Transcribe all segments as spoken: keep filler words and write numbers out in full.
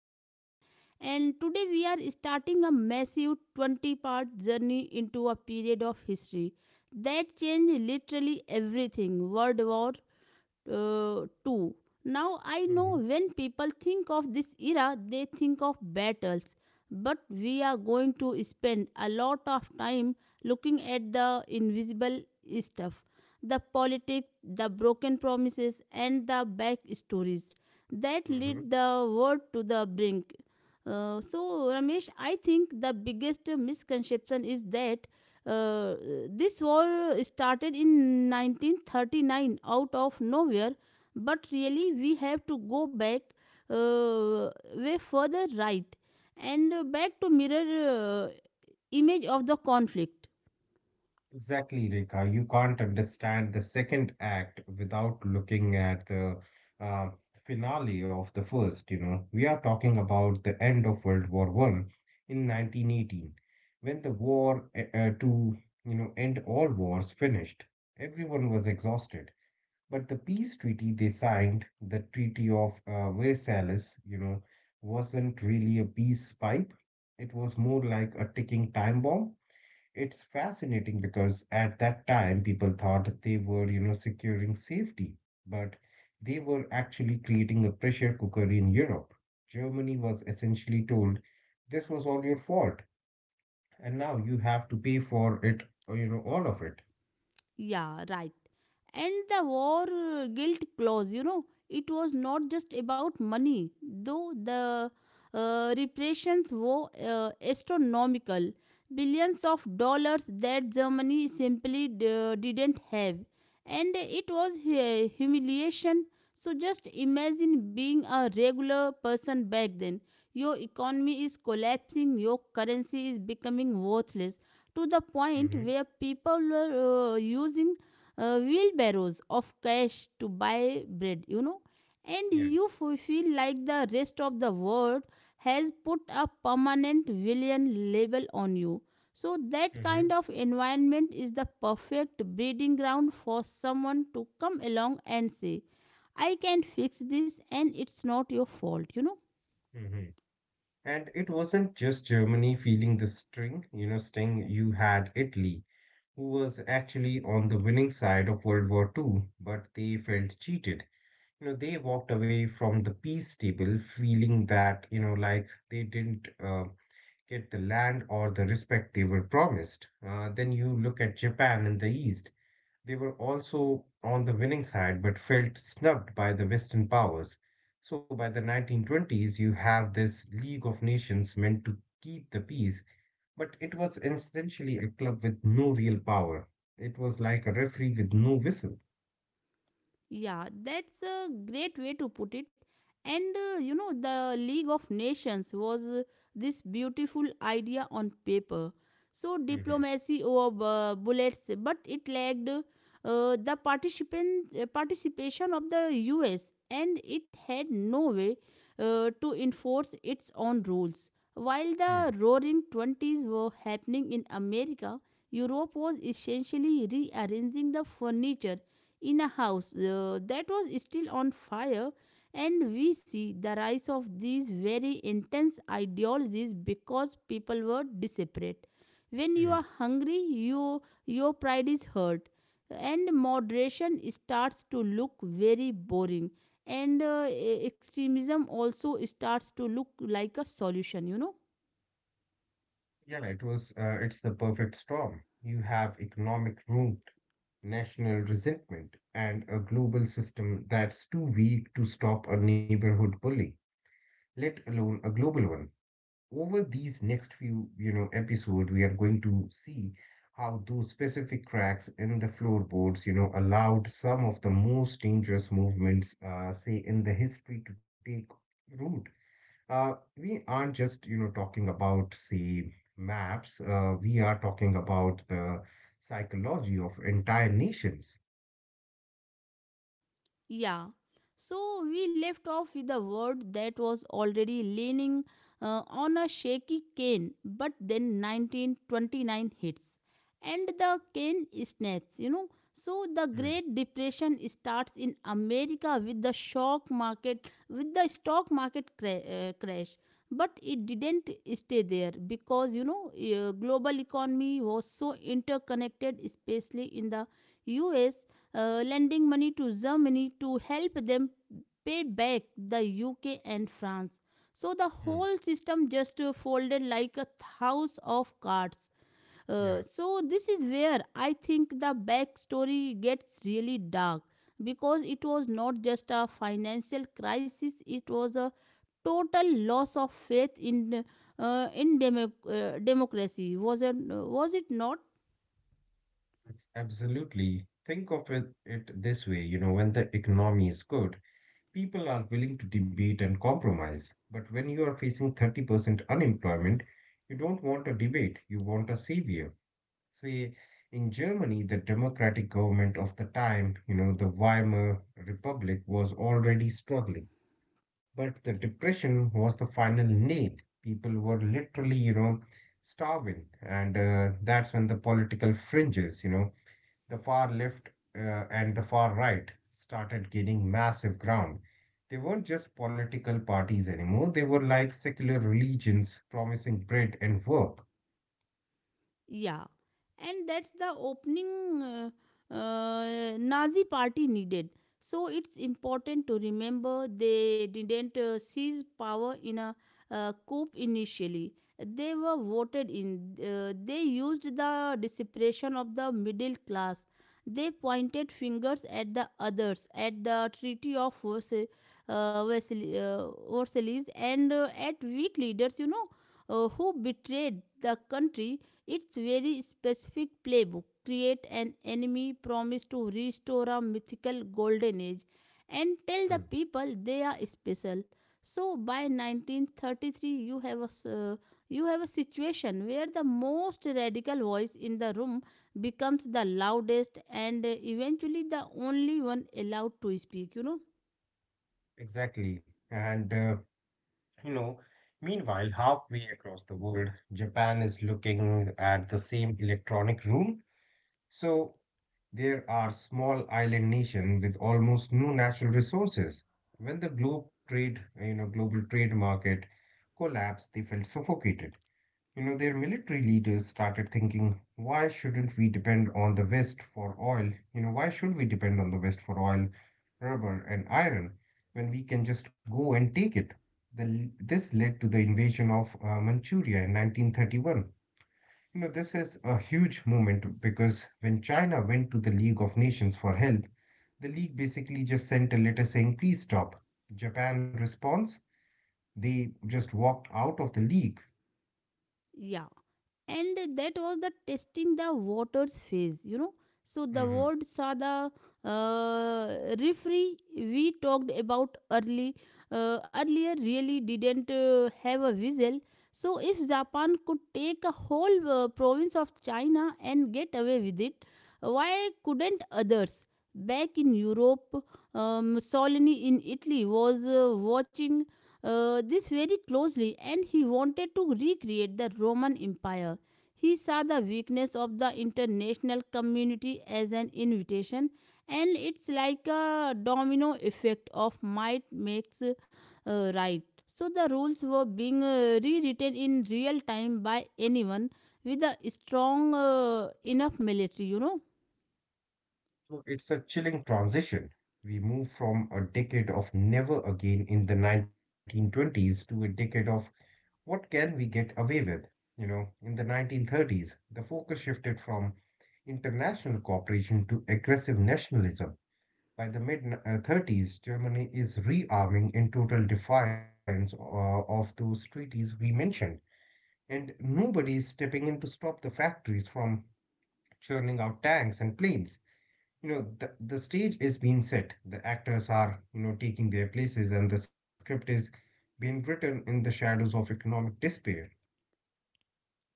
everyone. And today we are starting a massive twenty part journey into a period of history that changed literally everything World War uh, too. Now I know hmm when people think of this era, they think of battles. But we are going to spend a lot of time looking at the invisible stuff the politics, the broken promises, and the back stories that hmm lead the world to the brink. Uh, so, Ramesh, I think the biggest misconception is that uh, this war started in nineteen thirty-nine out of nowhere, but really we have to go back uh, way further right and uh, back to mirror uh, image of the conflict. Exactly, Rekha. You can't understand the second act without looking at the uh, finale of the first, you know. We are talking about the end of World War One in nineteen eighteen, when the war uh, uh, to, you know, end all wars finished. Everyone was exhausted. But the peace treaty they signed, the Treaty of uh, Versailles, you know, wasn't really a peace pipe. It was more like a ticking time bomb. It's fascinating because at that time people thought that they were, you know, securing safety, but they were actually creating a pressure cooker in Europe. Germany was essentially told this was all your fault, and now you have to pay for it, uh, you know, all of it. Yeah, right. And the war uh, guilt clause, you know, it was not just about money, though the uh, reparations were uh, astronomical, billions of dollars that Germany simply d- didn't have, and it was hu- humiliation. So just imagine being a regular person back then. Your economy is collapsing, your currency is becoming worthless to the point hmm where people were uh, using uh, wheelbarrows of cash to buy bread, you know and Yeah. you f- feel like the rest of the world has put a permanent villain label on you. So, that hmm kind of environment is the perfect breeding ground for someone to come along and say, I can fix this and it's not your fault, you know. hmm And it wasn't just Germany feeling the string, you know, sting. You had Italy, who was actually on the winning side of World War Two, but they felt cheated. You know, they walked away from the peace table feeling that, you know, like they didn't uh, get the land or the respect they were promised. Uh, then you look at Japan in the east. They were also on the winning side but felt snubbed by the western powers. So by the nineteen twenties you have this League of Nations meant to keep the peace, but it was essentially a club with no real power. It was like a referee with no whistle. Yeah, that's a great way to put it. And uh, you know, the League of Nations was uh, this beautiful idea on paper. So, diplomacy over uh, bullets, but it lacked uh, the participant, uh, participation of the U S and it had no way uh, to enforce its own rules. While hmm the roaring twenties were happening in America, Europe was essentially rearranging the furniture in a house uh, that was still on fire and we see the rise of these very intense ideologies because people were desperate when you are hungry you your pride is hurt and moderation starts to look very boring and uh, e- extremism also starts to look like a solution, you know. Yeah, it was. Uh, it's the perfect storm. You have economic ruin, national resentment, and a global system that's too weak to stop a neighborhood bully, let alone a global one. Over these next few, you know, episode, we are going to see how those specific cracks in the floorboards, you know, allowed some of the most dangerous movements, uh, say, in the history to take root. Uh, we aren't just, you know, talking about, say, maps. Uh, we are talking about the psychology of entire nations. Yeah. So we left off with a word that was already leaning uh, on a shaky cane, but then nineteen twenty-nine hits and the cane snaps, you know. So the Hmm, Great Depression starts in America with the shock market, with the stock market cra- uh, crash. But it didn't stay there because, you know, uh, global economy was so interconnected, especially in the U.S uh, lending money to Germany to help them pay back the U K and France. So the hmm, whole system just uh, folded like a house of cards. Uh, yeah, so this is where I think the backstory gets really dark because it was not just a financial crisis; it was a total loss of faith in uh, in demo- uh, democracy. Was it? Was it not? it's absolutely. Think of it, it this way, you know, when the economy is good, people are willing to debate and compromise. But when you are facing thirty percent unemployment, you don't want a debate, you want a savior. See, in Germany, the democratic government of the time, you know, the Weimar Republic was already struggling, but the depression was the final nail. People were literally, you know, starving, and uh, that's when the political fringes, you know, the far left uh, and the far right started gaining massive ground. They weren't just political parties anymore. They were like secular religions promising bread and work. Yeah, and that's the opening uh, uh, Nazi party needed. So it's important to remember they didn't uh, seize power in a uh, coup initially. They were voted in. Uh, they used the desperation of the middle class. They pointed fingers at the others, at the Treaty of Versa- uh, Versailles uh, Versailles and uh, at weak leaders, you know, uh, who betrayed the country. It's very specific playbook. Create an enemy, promise to restore a mythical golden age, and tell the Mm. people they are special. So by nineteen thirty-three, you have a s- uh, you have a situation where the most radical voice in the room becomes the loudest and uh, eventually the only one allowed to speak, you know. Exactly. And uh, You know, meanwhile, halfway across the world, Japan is looking at the same electronic room. So there are small island nation with almost no natural resources. When the globe trade, you know, global trade market collapsed, they felt suffocated. You know, their military leaders started thinking, why shouldn't we depend on the West for oil? You know, why should we depend on the West for oil, rubber, and iron when we can just go and take it? The, this led to the invasion of uh, Manchuria in nineteen thirty-one. You know, this is a huge moment because when China went to the League of Nations for help, the League basically just sent a letter saying, please stop. Japan response, they just walked out of the League. Yeah. And that was the testing the waters phase, you know, so the Mhm. word saw the uh, referee we talked about early uh, earlier really didn't uh, have a whistle. So if Japan could take a whole uh, province of China and get away with it, why couldn't others? Back in Europe, uh, Mussolini in Italy was uh, watching uh, this very closely and he wanted to recreate the Roman Empire. He saw the weakness of the international community as an invitation, and it's like a domino effect of might makes uh, right. So the rules were being uh, rewritten in real time by anyone with a strong uh, enough military, you know. So it's a chilling transition. We move from a decade of never again in the nineteen twenties to a decade of what can we get away with? You know, in the nineteen thirties, the focus shifted from international cooperation to aggressive nationalism. By the mid uh, thirties, Germany is rearming in total defiance uh, of those treaties we mentioned, and nobody is stepping in to stop the factories from churning out tanks and planes. You know, the, the stage is being set, the actors are, you know, taking their places, and the script is being written in the shadows of economic despair.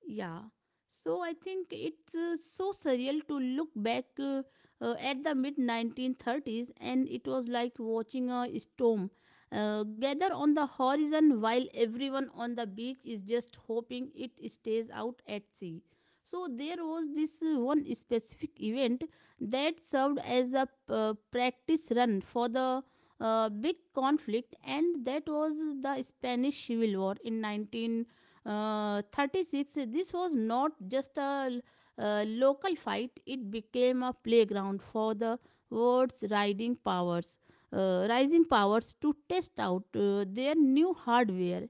Yeah. So I think it's uh, so surreal to look back uh, uh, at the mid nineteen thirties and it was like watching a storm uh, gather on the horizon while everyone on the beach is just hoping it stays out at sea. So there was this uh, one specific event that served as a uh, practice run for the uh, big conflict and that was the Spanish Civil War in nineteen uh, thirty-six. This was not just a uh, local fight, it became a playground for the world's riding powers uh, rising powers to test out uh, their new hardware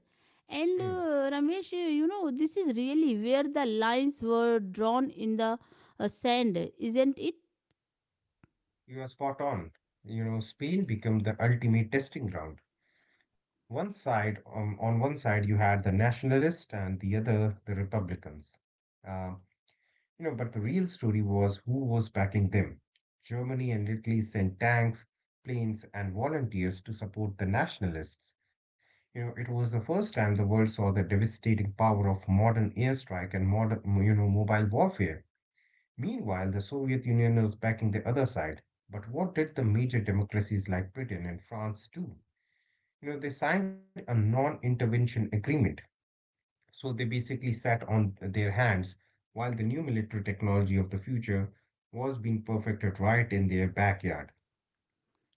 and Mm. uh, Ramesh, uh, you know, this is really where the lines were drawn in the uh, sand, isn't it? You are spot on. You know, Spain became the ultimate testing ground. One side um, On one side you had the nationalists and the other the republicans. um, you know, but the real story was who was backing them. Germany and Italy sent tanks, planes, and volunteers to support the nationalists. You know, it was the first time the world saw the devastating power of modern airstrike and modern, you know, mobile warfare. Meanwhile, the Soviet Union was backing the other side. But what did the major democracies like Britain and France do? You know, they signed a non-intervention agreement. So they basically sat on their hands while the new military technology of the future was being perfected right in their backyard.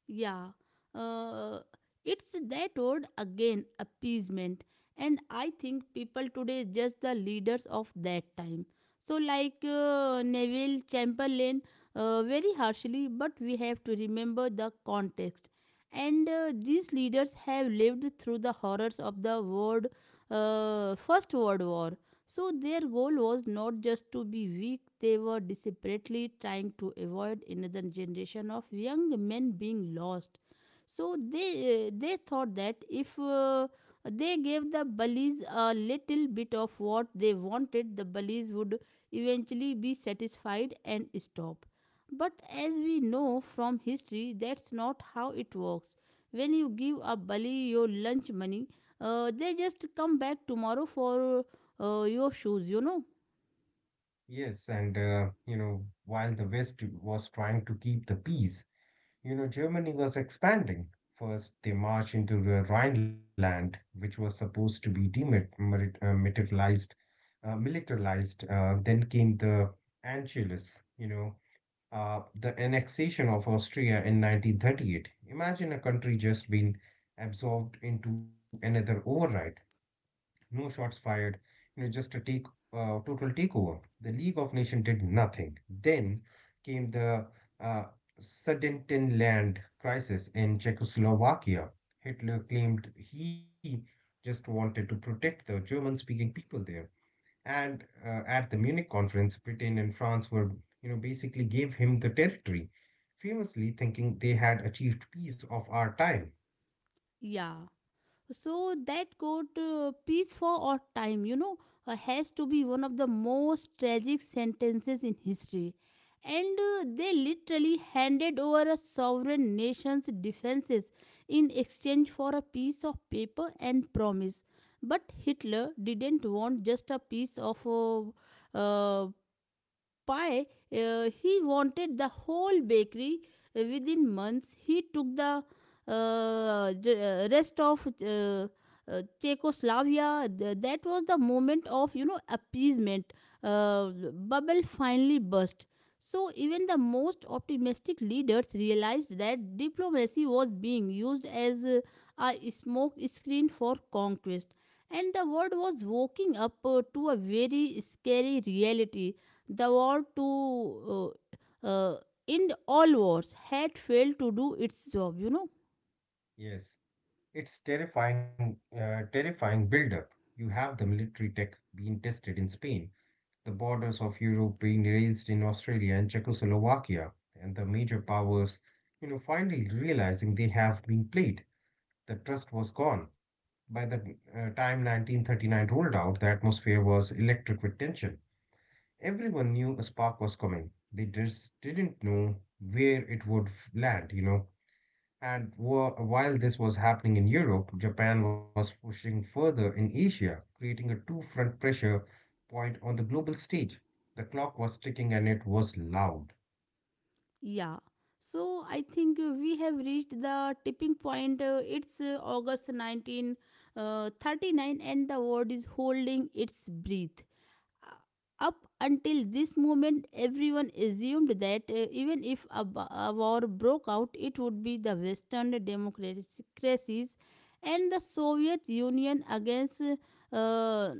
Yeah, uh, it's that word again, appeasement. And I think people today judge the leaders of that time. So, like uh, Neville Chamberlain, uh, very harshly, but we have to remember the context. And uh, these leaders have lived through the horrors of the world, uh, First World War, so their goal was not just to be weak, they were desperately trying to avoid another generation of young men being lost. So they they thought that if uh, they gave the bullies a little bit of what they wanted, the bullies would eventually be satisfied and stop. But as we know from history, that's not how it works. When you give a bully your lunch money, uh, they just come back tomorrow for uh, your shoes, you know. Yes, and uh, you know, while the West was trying to keep the peace, you know, Germany was expanding. First, they marched into the Rhineland, which was supposed to be demilitarized, uh, militarized. Uh, then came the Anschluss, you know, uh, the annexation of Austria in nineteen thirty-eight. Imagine a country just being absorbed into another override, no shots fired, you know, just a take, uh, total takeover. The League of Nations did nothing. Then came the uh, Sudetenland crisis in Czechoslovakia. Hitler claimed he just wanted to protect the German-speaking people there. And uh, at the Munich conference, Britain and France were, you know, basically gave him the territory, famously thinking they had achieved peace of our time. Yeah. So that quote, uh, peace for all time, you know, uh, has to be one of the most tragic sentences in history. And uh, they literally handed over a sovereign nation's defenses in exchange for a piece of paper and promise. But Hitler didn't want just a piece of uh, uh, pie, uh, he wanted the whole bakery. Uh, Within months, he took the uh, j- uh, rest of uh, uh, Czechoslovakia. Th- that was the moment of, you know, appeasement. Uh, bubble finally burst. So even the most optimistic leaders realized that diplomacy was being used as uh, a smoke screen for conquest and the world was waking up uh, to a very scary reality. The war to uh, uh, end all wars had failed to do its job, you know. Yes, it's terrifying, uh, terrifying build-up. You have the military tech being tested in Spain, the borders of Europe being raised in Australia and Czechoslovakia, and the major powers, you know, finally realizing they have been played. The trust was gone. By the uh, time nineteen thirty-nine rolled out, the atmosphere was electric with tension. Everyone knew a spark was coming. They just didn't know where it would land, you know. And wha- while this was happening in Europe, Japan was pushing further in Asia, creating a two-front pressure point on the global stage. The clock was ticking and it was loud. Yeah. So I think uh, we have reached the tipping point. Uh, it's uh, August nineteen thirty-nine and the world is holding its breath. Uh, Up until this moment, everyone assumed that uh, even if a, b- a war broke out, it would be the Western democracies and the Soviet Union against uh,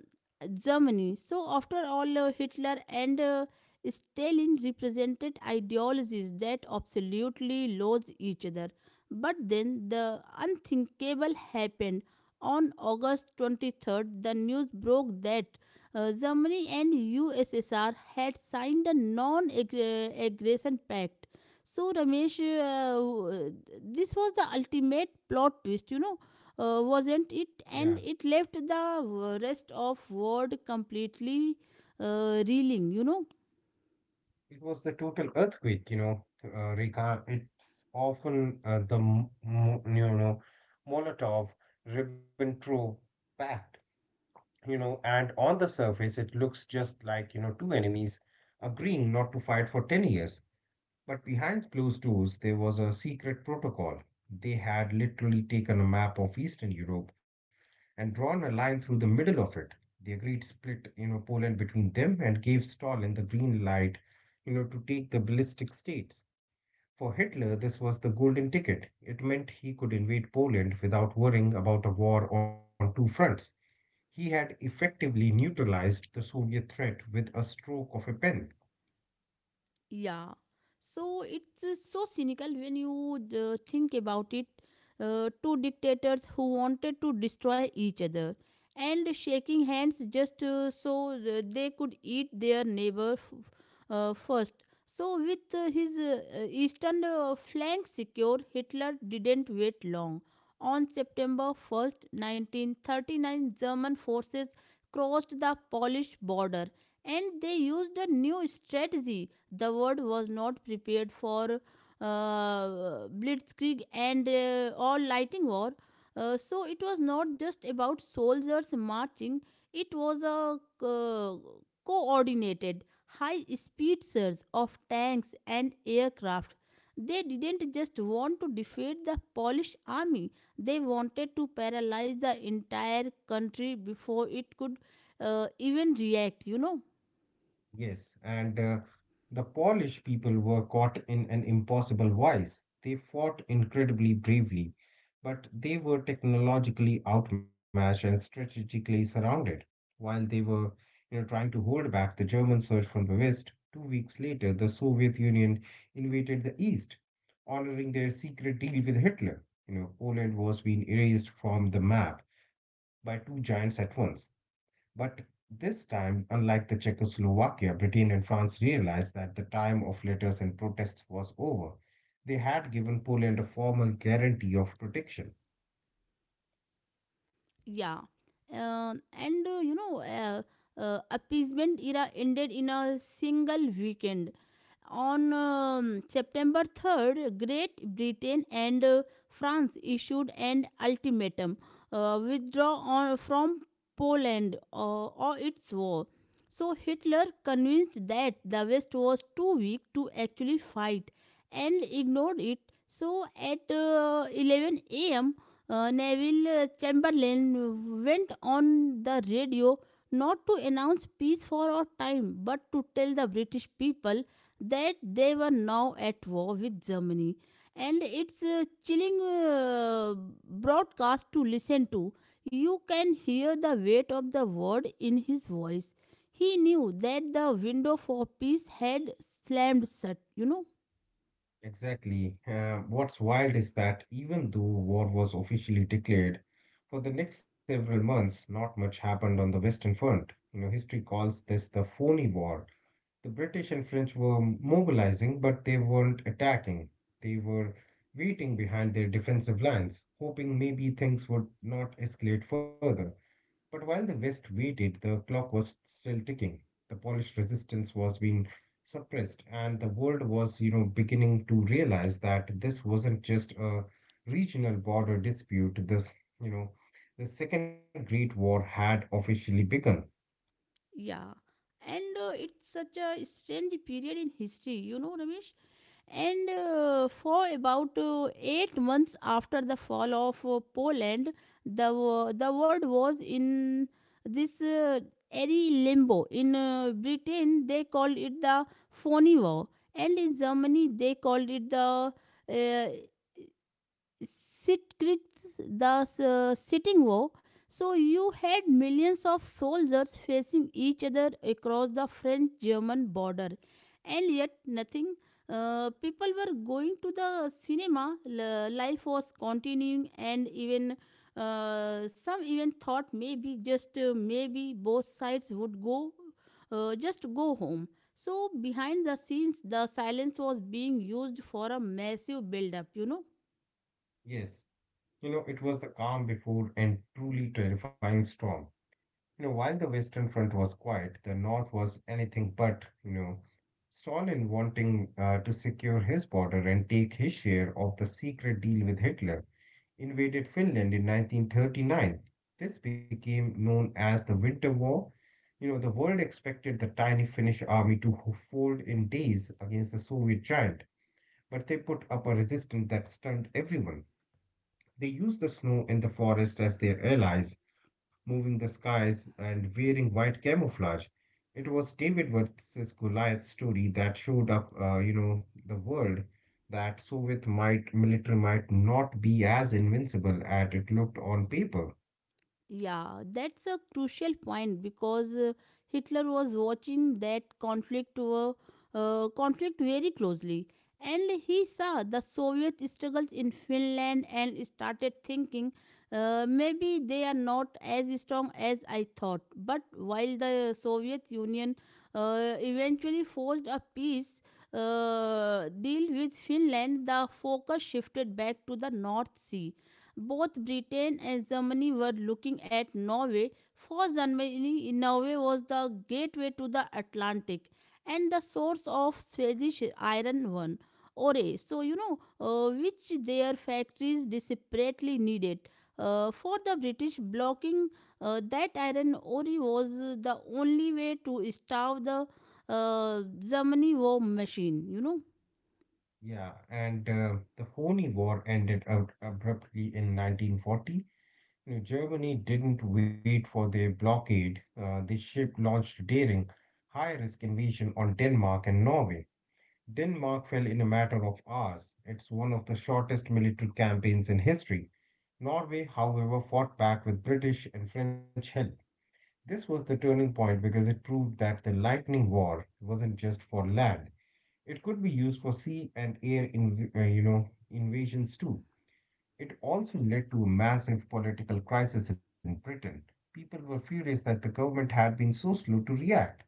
Germany. So, after all, uh, Hitler and uh, Stalin represented ideologies that absolutely loathed each other. But then the unthinkable happened. On August twenty-third, the news broke that uh, Germany and U S S R had signed a non-aggression pact. So Ramesh, uh, this was the ultimate plot twist, you know, uh, wasn't it? Yeah. And it left the rest of world completely uh, reeling, you know. It was the total earthquake, you know, uh, Rika. It's often uh, the, m- m- you know, Molotov Ribbentrop pact, you know, and on the surface, it looks just like, you know, two enemies agreeing not to fight for ten years. But behind closed doors, there was a secret protocol. They had literally taken a map of Eastern Europe and drawn a line through the middle of it. They agreed split, you know, Poland between them and gave Stalin the green light, you know, to take the ballistic states. For Hitler, this was the golden ticket. It meant he could invade Poland without worrying about a war on two fronts. He had effectively neutralized the Soviet threat with a stroke of a pen. Yeah. So it's uh, so cynical when you uh, think about it. Uh, two dictators who wanted to destroy each other and shaking hands just uh, so th- they could eat their neighbor f- uh, first. So, with uh, his uh, uh, eastern uh, flank secured, Hitler didn't wait long. On September first, nineteen thirty-nine, German forces crossed the Polish border and they used a new strategy the world was not prepared for uh, blitzkrieg, and uh, or lighting war. Uh, so it was not just about soldiers marching, it was a uh, coordinated high speed surge of tanks and aircraft. They didn't just want to defeat the Polish army, they wanted to paralyze the entire country before it could uh, even react, you know. Yes, and uh, the Polish people were caught in an impossible vice. They fought incredibly bravely, but they were technologically outmatched and strategically surrounded. While they were, you know, trying to hold back the German surge from the west, two weeks later, the Soviet Union invaded the east, honoring their secret deal with Hitler. You know, Poland was being erased from the map by two giants at once. But this time, unlike the Czechoslovakia, Britain and France realized that the time of letters and protests was over. They had given Poland a formal guarantee of protection. Yeah. Uh, and uh, you know, uh, uh, appeasement era ended in a single weekend. On um, September third, Great Britain and uh, France issued an ultimatum uh, withdraw on, from Poland uh, or its war. So Hitler convinced that the West was too weak to actually fight and ignored it. So at uh, eleven a m, uh, Neville uh, Chamberlain went on the radio not to announce peace for a time but to tell the British people that they were now at war with Germany. And it's a chilling uh, broadcast to listen to. You can hear the weight of the word in his voice. He knew that the window for peace had slammed shut, you know? Exactly. Uh, what's wild is that even though war was officially declared, for the next several months, not much happened on the Western Front. You know, history calls this the phony war. The British and French were mobilizing, but they weren't attacking. They were waiting behind their defensive lines, hoping maybe things would not escalate further. But while the West waited, the clock was still ticking. The Polish resistance was being suppressed, and the world was, you know, beginning to realize that this wasn't just a regional border dispute. This, you know, the Second Great War had officially begun. Yeah. And uh, it's such a strange period in history, you know, Ramesh? And uh, for about uh, eight months after the fall of uh, Poland, the, wo- the world was in this uh, airy limbo. In uh, Britain, they called it the phony war, and in Germany, they called it the uh, Sit creeks, the s- sitting war. So you had millions of soldiers facing each other across the French German border. And yet, nothing. Uh, people were going to the cinema, l- life was continuing, and even uh, some even thought maybe just uh, maybe both sides would go uh, just go home. So behind the scenes, the silence was being used for a massive build-up. You know. Yes, you know, it was the calm before and truly terrifying storm. You know, while the Western Front was quiet, the North was anything but, you know, Stalin wanting uh, to secure his border and take his share of the secret deal with Hitler invaded Finland in nineteen thirty-nine. This became known as the Winter War. You know, the world expected the tiny Finnish army to ho- fold in days against the Soviet giant, but they put up a resistance that stunned everyone. They use the snow and the forest as their allies, moving the skies and wearing white camouflage. It was David versus Goliath story that showed up, uh, you know, the world that Soviet might military might not be as invincible as it looked on paper. Yeah, that's a crucial point because uh, Hitler was watching that conflict uh, uh, conflict very closely, and he saw the Soviet struggles in Finland and started thinking, uh, maybe they are not as strong as I thought. But while the Soviet Union uh, eventually forced a peace uh, deal with Finland, the focus shifted back to the North Sea. Both Britain and Germany were looking at Norway. For Germany, Norway was the gateway to the Atlantic and the source of Swedish iron one ore. So you know, uh, which their factories desperately needed. Uh, for the British, blocking uh, that iron ore was the only way to starve the uh, Germany war machine. You know. Yeah, and uh, the phony War ended out abruptly in nineteen forty. You know, Germany didn't wait for their blockade. Uh, they ship launched daring, high-risk invasion on Denmark and Norway. Denmark fell in a matter of hours. It's one of the shortest military campaigns in history. Norway, however, fought back with British and French help. This was the turning point because it proved that the lightning war wasn't just for land. It could be used for sea and air inv- uh, you know, invasions too. It also led to a massive political crisis in Britain. People were furious that the government had been so slow to react.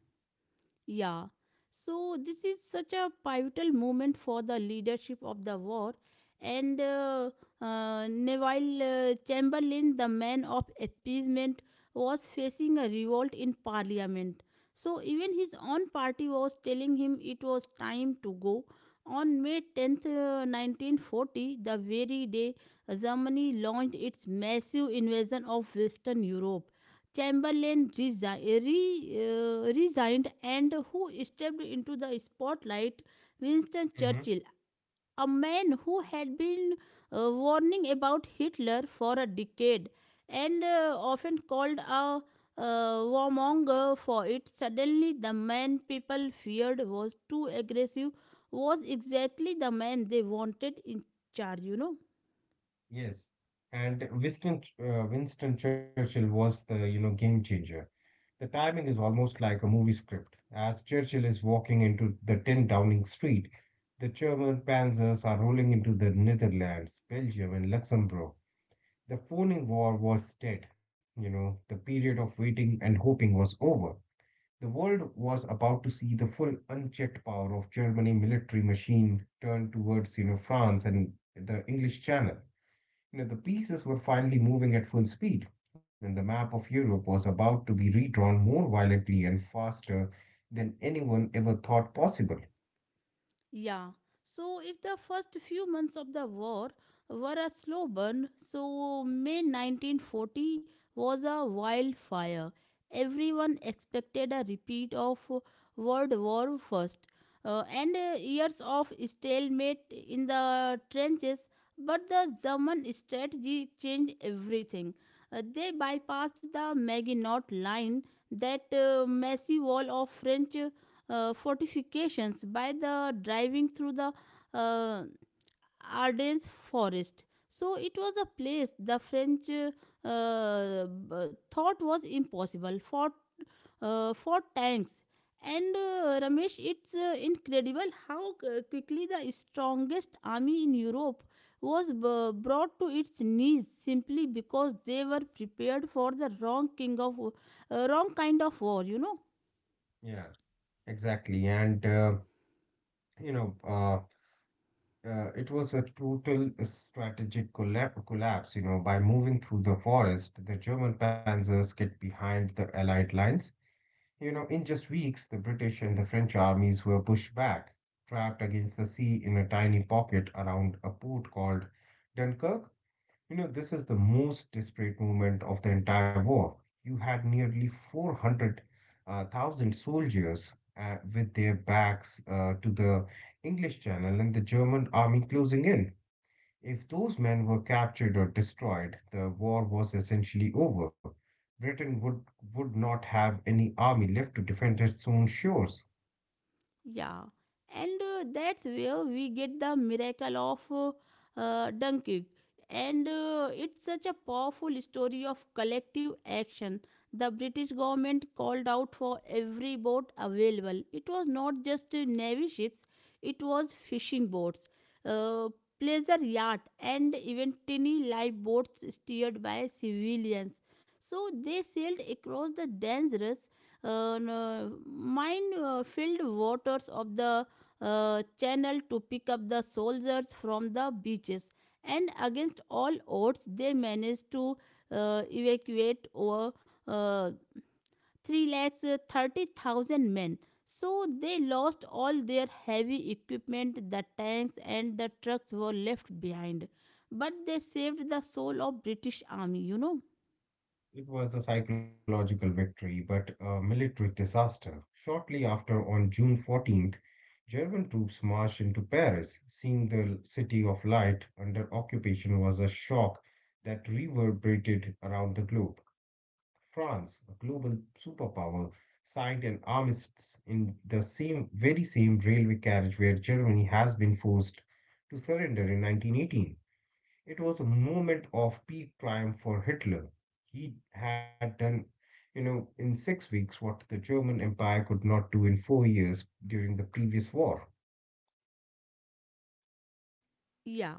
Yeah. So this is such a pivotal moment for the leadership of the war. And uh, uh, Neville uh, Chamberlain, the man of appeasement, was facing a revolt in parliament. So even his own party was telling him it was time to go. On May tenth, uh, nineteen forty, the very day Germany launched its massive invasion of Western Europe. Chamberlain resi- re, uh, resigned and who stepped into the spotlight? Winston Churchill, a man who had been uh, warning about Hitler for a decade and uh, often called a uh, warmonger for it. Suddenly the man people feared was too aggressive was exactly the man they wanted in charge, you know. Yes, and Winston uh, Winston Churchill was the you know game changer. The timing is almost like a movie script. As Churchill is walking into the ten Downing Street, the German panzers are rolling into the Netherlands, Belgium, and Luxembourg. The phoning war was dead. You know, the period of waiting and hoping was over. The world was about to see the full unchecked power of Germany military machine turned towards you know France and the English Channel. You know, the pieces were finally moving at full speed, and the map of Europe was about to be redrawn more violently and faster than anyone ever thought possible. Yeah. So if the first few months of the war were a slow burn, so May nineteen forty was a wildfire. Everyone expected a repeat of World War First uh, and uh, years of stalemate in the trenches. But the German strategy changed everything. Uh, they bypassed the Maginot Line, that uh, massive wall of French uh, fortifications by the driving through the uh, Ardennes forest. So it was a place the French uh, uh, thought was impossible for uh, for tanks. And uh, Ramesh, it's uh, incredible how uh, quickly the strongest army in Europe was b- brought to its knees simply because they were prepared for the wrong king of uh, wrong kind of war. You know. Yeah, exactly. And, uh, you know, uh, uh, it was a total strategic collap collapse. You know, by moving through the forest, the German panzers get behind the Allied lines. You know, in just weeks, the British and the French armies were pushed back, trapped against the sea in a tiny pocket around a port called Dunkirk. You know, this is the most desperate movement of the entire war. You had nearly four hundred thousand soldiers uh, with their backs uh, to the English Channel and the German army closing in. If those men were captured or destroyed, the war was essentially over. Britain would, would not have any army left to defend its own shores. Yeah, and uh, that's where we get the miracle of uh, uh, Dunkirk. And uh, it's such a powerful story of collective action. The British government called out for every boat available. It was not just uh, navy ships, it was fishing boats, uh, pleasure yacht, and even tiny lifeboats steered by civilians. So they sailed across the dangerous uh, no- mine uh, filled waters of the uh, channel to pick up the soldiers from the beaches. And against all odds, they managed to uh, evacuate over uh, three lakhs thirty thousand men. So they lost all their heavy equipment, the tanks and the trucks were left behind. But they saved the soul of British army, you know. It was a psychological victory, but a military disaster. Shortly after, on June fourteenth, German troops marched into Paris. Seeing the City of Light under occupation was a shock that reverberated around the globe. France, a global superpower, signed an armistice in the same very same railway carriage where Germany has been forced to surrender in nineteen eighteen. It was a moment of peak climb for Hitler. He had done, you know, in six weeks what the German Empire could not do in four years during the previous war. Yeah.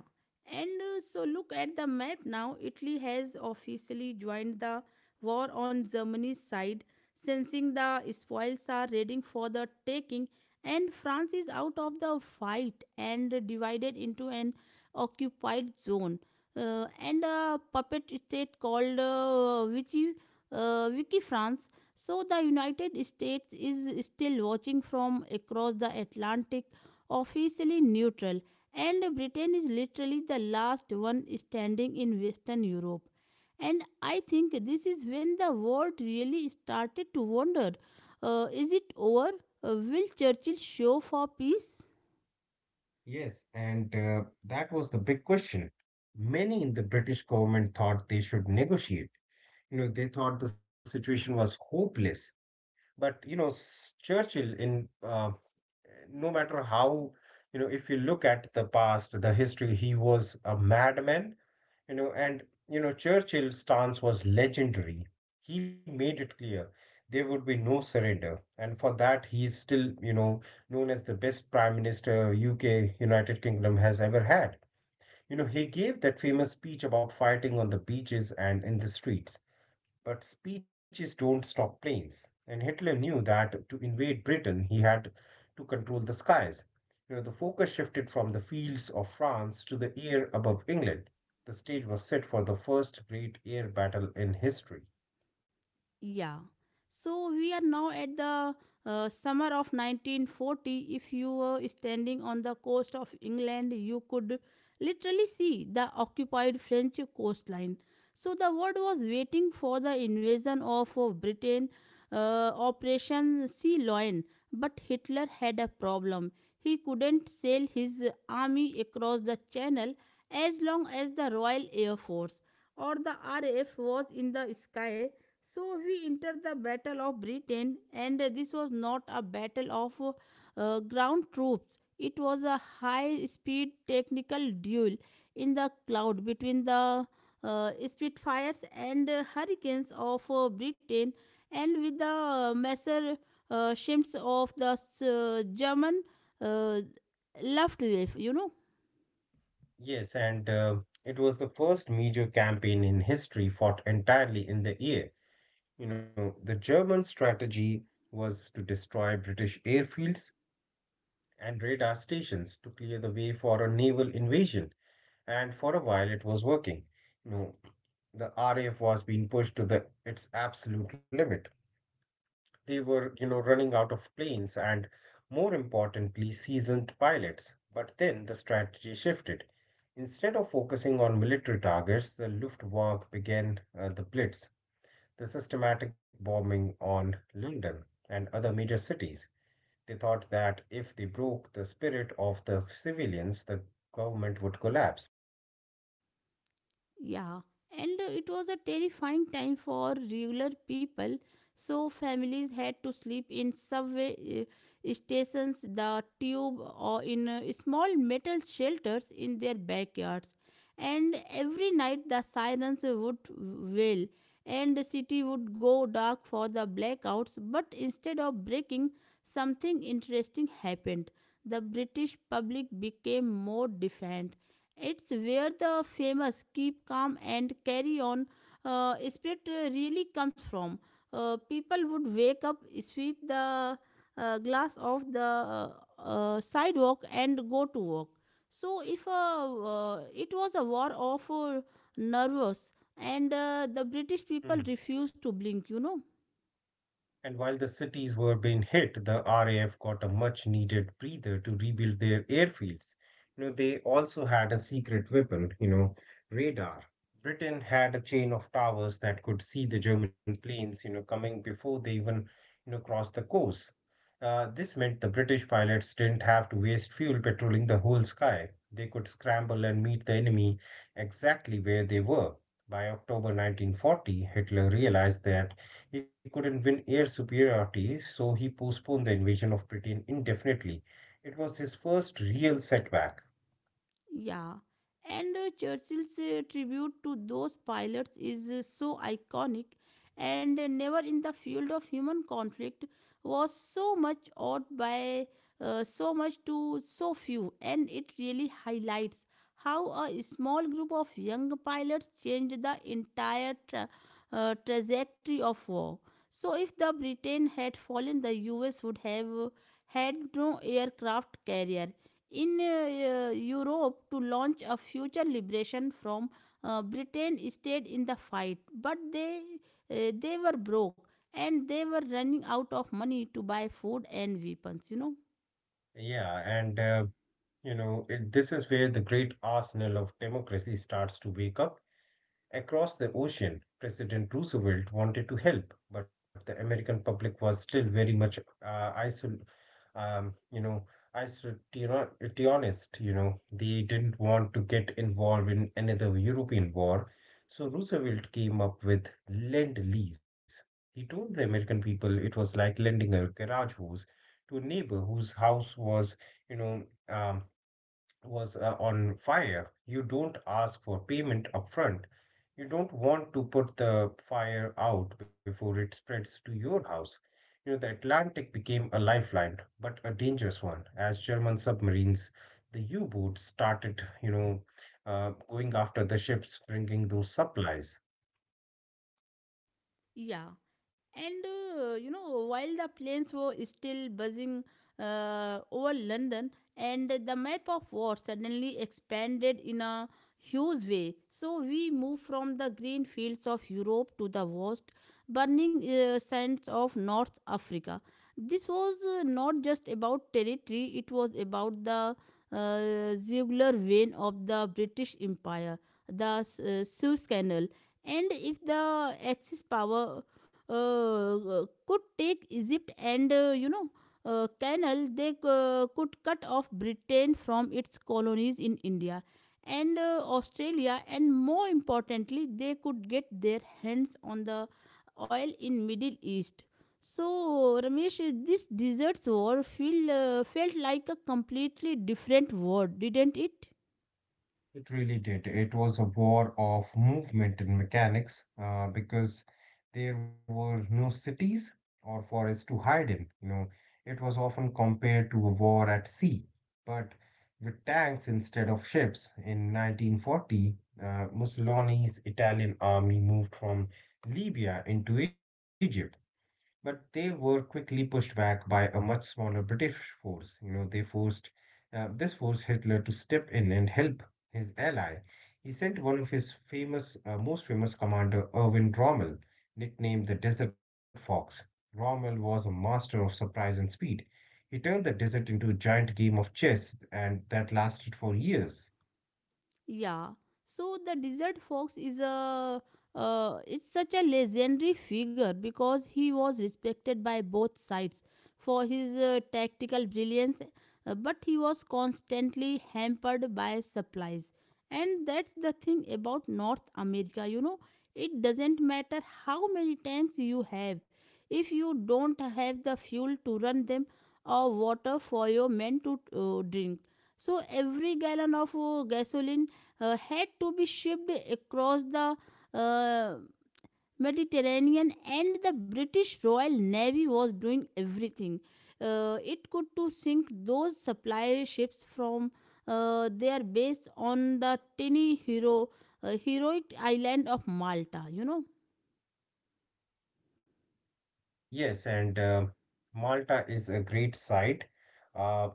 And uh, so look at the map now. Italy has officially joined the war on Germany's side, sensing the spoils are ready for the taking, and France is out of the fight and divided into an occupied zone. Uh, and a puppet state called uh, Vichy, uh, Vichy France. So the United States is still watching from across the Atlantic, officially neutral, and Britain is literally the last one standing in Western Europe. And I think this is when the world really started to wonder, uh, is it over? Uh, will Churchill show for peace? Yes, and uh, that was the big question. Many in the British government thought they should negotiate. You know, they thought the situation was hopeless. But, you know, s- Churchill, in uh, no matter how, you know, if you look at the past, the history, he was a madman, you know. And you know, Churchill's stance was legendary. He made it clear there would be no surrender, and for that he is still, you know, known as the best prime minister U K, United Kingdom, has ever had, you know. He gave that famous speech about fighting on the beaches and in the streets, but speeches don't stop planes, and Hitler knew that to invade Britain he had to control the skies. You know, the focus shifted from the fields of France to the air above England. The stage was set for the first great air battle in history. Yeah. So we are now at the uh, summer of nineteen forty. If you were standing on the coast of England, you could literally see the occupied French coastline. So the world was waiting for the invasion of uh, Britain, uh, Operation Sea Lion. But Hitler had a problem. He couldn't sail his army across the channel as long as the Royal Air Force or the R A F was in the sky. So we entered the Battle of Britain, and this was not a battle of uh, ground troops. It was a high speed technical duel in the cloud between the uh, Spitfires and uh, Hurricanes of uh, Britain, and with the uh, Messer uh, ships of the uh, German uh, Luftwaffe, you know. Yes, and uh, it was the first major campaign in history fought entirely in the air. You know, the German strategy was to destroy British airfields and radar stations to clear the way for a naval invasion, and for a while it was working. You know, the R A F was being pushed to the its absolute limit. They were, you know, running out of planes and, more importantly, seasoned pilots. But then the strategy shifted. Instead of focusing on military targets, the Luftwaffe began uh, the Blitz, the systematic bombing on London and other major cities. They thought that if they broke the spirit of the civilians, the government would collapse. Yeah, and uh, it was a terrifying time for regular people. So families had to sleep in subway uh, stations, the tube, or in uh, small metal shelters in their backyards. And every night the sirens would wail, and the city would go dark for the blackouts. But instead of breaking, something interesting happened. The British public became more defiant. It's where the famous keep calm and carry on uh, spirit uh, really comes from. Uh, people would wake up, sweep the uh, glass off the uh, uh, sidewalk, and go to work. So, if uh, uh, it was a war of uh, nervous, and uh, the British people Hmm. refused to blink, you know. And while the cities were being hit, the R A F got a much needed breather to rebuild their airfields. You know, they also had a secret weapon, you know, radar. Britain had a chain of towers that could see the German planes, you know, coming before they even, you know, crossed the coast. Uh, this meant the British pilots didn't have to waste fuel patrolling the whole sky. They could scramble and meet the enemy exactly where they were. By October nineteen forty, Hitler realized that he couldn't win air superiority, so he postponed the invasion of Britain indefinitely. It was his first real setback. Yeah, and uh, Churchill's uh, tribute to those pilots is uh, so iconic, and uh, never in the field of human conflict was so much ought by uh, so much to so few, and it really highlights how a small group of young pilots changed the entire tra- uh, trajectory of war. So, if the Britain had fallen, the U S would have uh, had no aircraft carrier in uh, uh, Europe to launch a future liberation from. uh, Britain stayed in the fight, but they uh, they were broke and they were running out of money to buy food and weapons. You know. Yeah, and uh, you know, it, this is where the great arsenal of democracy starts to wake up. Across the ocean, President Roosevelt wanted to help, but the American public was still very much uh, isol- um, you know, isolationist. You know, they didn't want to get involved in another European war, so Roosevelt came up with lend lease. He told the American people it was like lending a garage hose to a neighbor whose house was, you know, um, was uh, on fire. You don't ask for payment upfront. You don't want to put the fire out before it spreads to your house. You know, the Atlantic became a lifeline, but a dangerous one, as German submarines, the U boats started, you know, uh, going after the ships bringing those supplies. Yeah. And uh, you know, while the planes were still buzzing uh, over London, and the map of war suddenly expanded in a huge way. So we moved from the green fields of Europe to the vast, burning uh, sands of North Africa. This was uh, not just about territory, it was about the uh, jugular vein of the British Empire, the S- uh, Suez Canal. And if the axis power uh, uh, could take Egypt and, uh, you know, uh, canal, they uh, could cut off Britain from its colonies in India and uh, Australia, and more importantly they could get their hands on the oil in Middle East. So Ramesh, uh, this deserts war feel, uh, felt like a completely different war, didn't it? It really did. It was a war of movement and mechanics uh, because there were no cities or forests to hide in. You know, it was often compared to a war at sea, but with tanks instead of ships. In nineteen forty, uh, Mussolini's Italian army moved from Libya into Egypt. But they were quickly pushed back by a much smaller British force. You know, they forced uh, this forced Hitler to step in and help his ally. He sent one of his famous, uh, most famous commander, Erwin Rommel, nicknamed the Desert Fox. Rommel was a master of surprise and speed. He turned the desert into a giant game of chess, and that lasted for years. Yeah. So the desert fox is a uh, is such a legendary figure because he was respected by both sides for his uh, tactical brilliance, uh, but he was constantly hampered by supplies. And that's the thing about North America, you know, it doesn't matter how many tanks you have if you don't have the fuel to run them or water for your men to uh, drink. So every gallon of uh, gasoline uh, had to be shipped across the uh, Mediterranean, and the British Royal Navy was doing everything uh, it could to sink those supply ships from uh, their base on the tiny hero uh, heroic island of Malta. You know. Yes, and uh, Malta is a great site. Uh,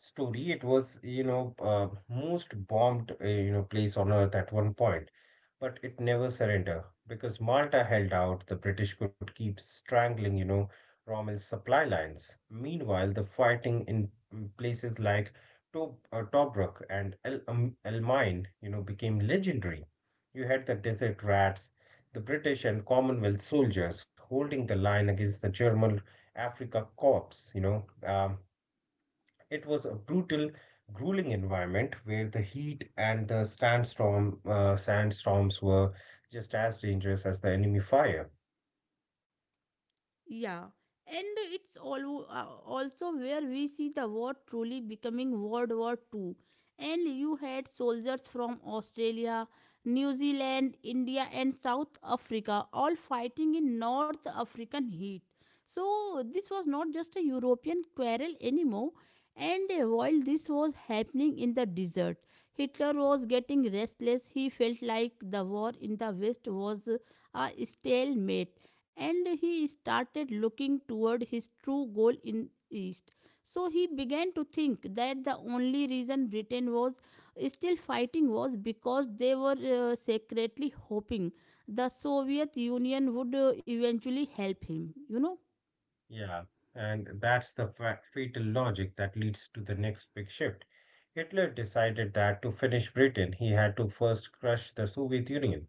story. It was, you know, uh, most bombed, uh, you know, place on earth at one point, but it never surrendered. Because Malta held out, the British could keep strangling, you know, Rommel's supply lines. Meanwhile, the fighting in mm, places like Tob uh, Tobruk and El um, Almain, you know, became legendary. You had the desert rats, the British and Commonwealth soldiers holding the line against the German Africa Corps, you know. Um, it was a brutal, grueling environment where the heat and the sandstorm, uh, sandstorms were just as dangerous as the enemy fire. Yeah, and it's all, uh, also where we see the war truly becoming World War Two. And you had soldiers from Australia, New Zealand, India, and South Africa all fighting in North African heat. So, this was not just a European quarrel anymore. And uh, while this was happening in the desert, Hitler was getting restless. He felt like the war in the West was uh, a stalemate, and he started looking toward his true goal in east. So he began to think that the only reason Britain was still fighting was because they were uh, secretly hoping the Soviet Union would uh, eventually help him, you know. Yeah, and that's the fa- fatal logic that leads to the next big shift. Hitler decided that to finish Britain, he had to first crush the Soviet Union.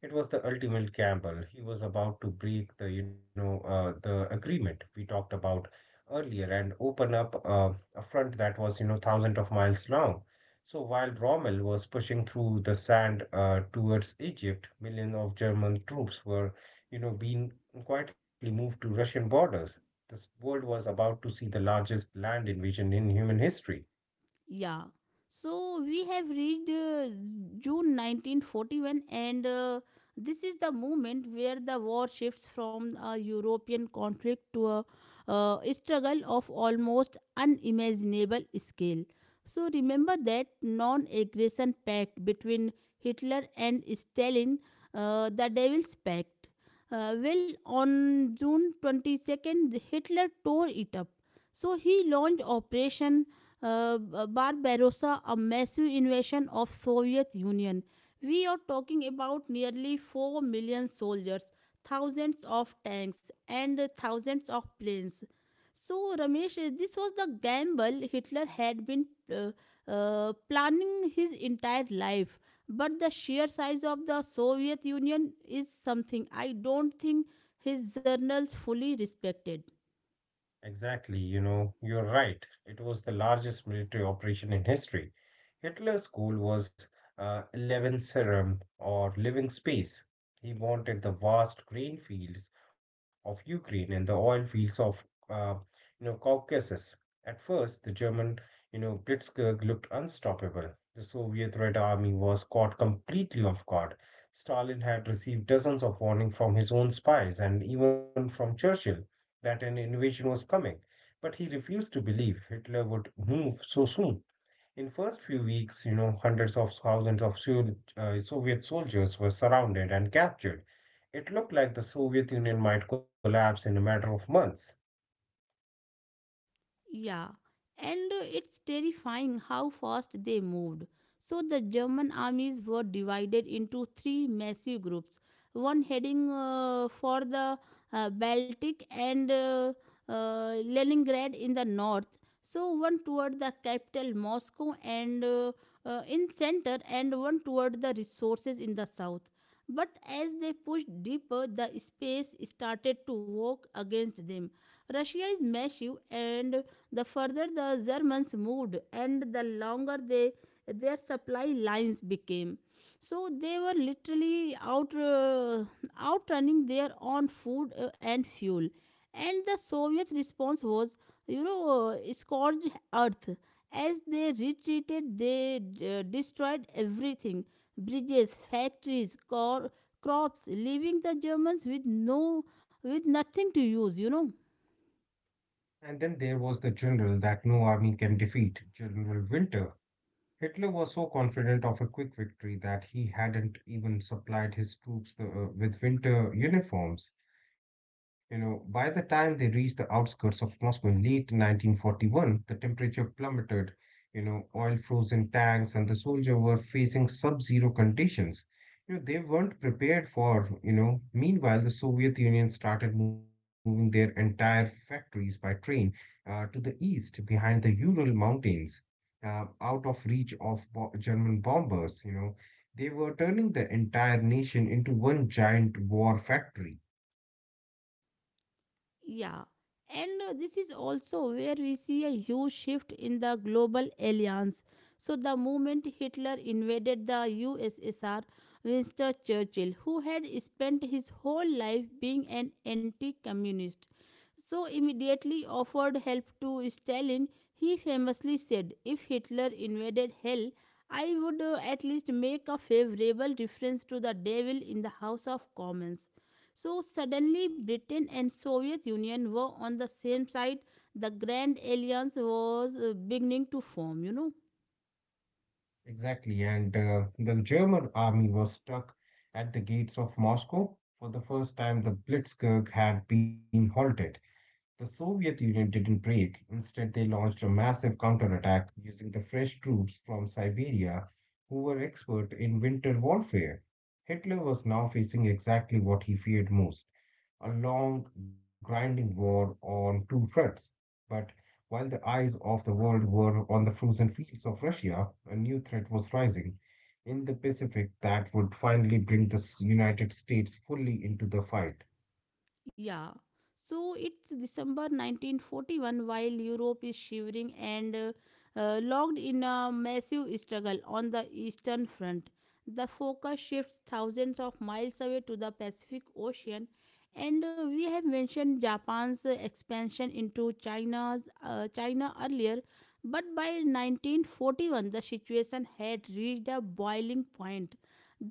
It was the ultimate gamble. He was about to break the, you know, uh, the agreement we talked about earlier and open up uh, a front that was, you know, thousands of miles long. So while Rommel was pushing through the sand uh, towards Egypt, millions of German troops were, you know, being quietly moved to Russian borders. This world was about to see the largest land invasion in human history. Yeah. So we have reached uh, June nineteen forty-one, and uh, this is the moment where the war shifts from a European conflict to a uh, struggle of almost unimaginable scale. So remember that non aggression pact between Hitler and Stalin, uh, the Devil's Pact. Uh, well, on June twenty-second, Hitler tore it up. So he launched Operation uh, Barbarossa, a massive invasion of Soviet Union. We are talking about nearly four million soldiers, thousands of tanks, and thousands of planes. So, Ramesh, uh, this was the gamble Hitler had been uh, uh, planning his entire life, but the sheer size of the Soviet Union is something I don't think his journals fully respected. Exactly, you know, you're right. It was the largest military operation in history. Hitler's goal was uh, Lebensraum, or living space. He wanted the vast grain fields of Ukraine and the oil fields of, uh, you know, Caucasus. At first, the German, you know, Blitzkrieg looked unstoppable. The Soviet Red Army was caught completely off guard. Stalin had received dozens of warnings from his own spies and even from Churchill that an invasion was coming. But he refused to believe Hitler would move so soon. In first few weeks, you know, hundreds of thousands of uh, Soviet soldiers were surrounded and captured. It looked like the Soviet Union might collapse in a matter of months. Yeah, and uh, it's terrifying how fast they moved. So the German armies were divided into three massive groups, one heading uh, for the uh, Baltic and uh, uh, Leningrad in the north, so one toward the capital Moscow and uh, uh, in center, and one toward the resources in the south. But as they pushed deeper, the space started to work against them. Russia is massive, and the further the germans moved and the longer they their supply lines became, so they were literally out uh, outrunning their own food uh, and fuel. And the soviet response was you know uh, scorched earth. As they retreated, they uh, destroyed everything, bridges, factories, cor- crops, leaving the germans with no, with nothing to use you know And then there was the general that no army can defeat, General Winter. Hitler was so confident of a quick victory that he hadn't even supplied his troops the, uh, with winter uniforms. You know, by the time they reached the outskirts of Moscow in late nineteen forty-one, the temperature plummeted. You know, oil froze in tanks, and the soldiers were facing sub-zero conditions. You know, they weren't prepared for. You know, meanwhile, the Soviet Union started moving their entire factories by train uh, to the east, behind the Ural Mountains, uh, out of reach of bo- German bombers. You know, they were turning the entire nation into one giant war factory. Yeah, and uh, this is also where we see a huge shift in the global alliance. So, the moment Hitler invaded the U S S R, Winston Churchill, who had spent his whole life being an anti communist, so immediately offered help to Stalin. He famously said, "If Hitler invaded hell, I would uh, at least make a favorable reference to the devil in the House of Commons." So suddenly Britain and Soviet Union were on the same side. The Grand Alliance was uh, beginning to form, you know. Exactly, and uh, the German army was stuck at the gates of Moscow. For the first time, the Blitzkrieg had been halted. The Soviet Union didn't break. Instead, they launched a massive counterattack using the fresh troops from Siberia, who were expert in winter warfare. Hitler was now facing exactly what he feared most, a long, grinding war on two fronts. But while the eyes of the world were on the frozen fields of Russia, a new threat was rising in the Pacific that would finally bring the s- United States fully into the fight. Yeah. So it's December nineteen forty-one, while Europe is shivering and uh, uh, locked in a massive struggle on the eastern front. The focus shifts thousands of miles away to the Pacific Ocean. And uh, we have mentioned Japan's uh, expansion into China's uh, China earlier, but by nineteen forty-one the situation had reached a boiling point.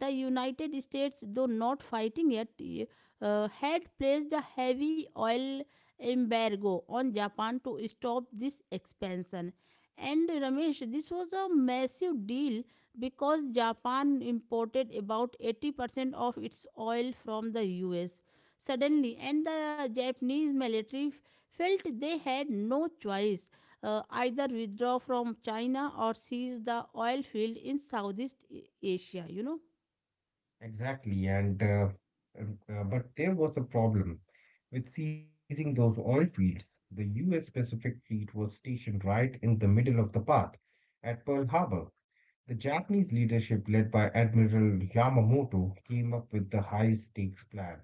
The United States, though not fighting yet, uh, had placed a heavy oil embargo on Japan to stop this expansion. And Ramesh, this was a massive deal because Japan imported about eighty percent of its oil from the U S suddenly, and the Japanese military f- felt they had no choice, uh, either withdraw from China or seize the oil field in Southeast A- Asia, you know. Exactly, and uh, um, uh, but there was a problem with seizing those oil fields. The U S. Pacific Fleet was stationed right in the middle of the path at Pearl Harbor. The Japanese leadership, led by Admiral Yamamoto, came up with the high stakes plan.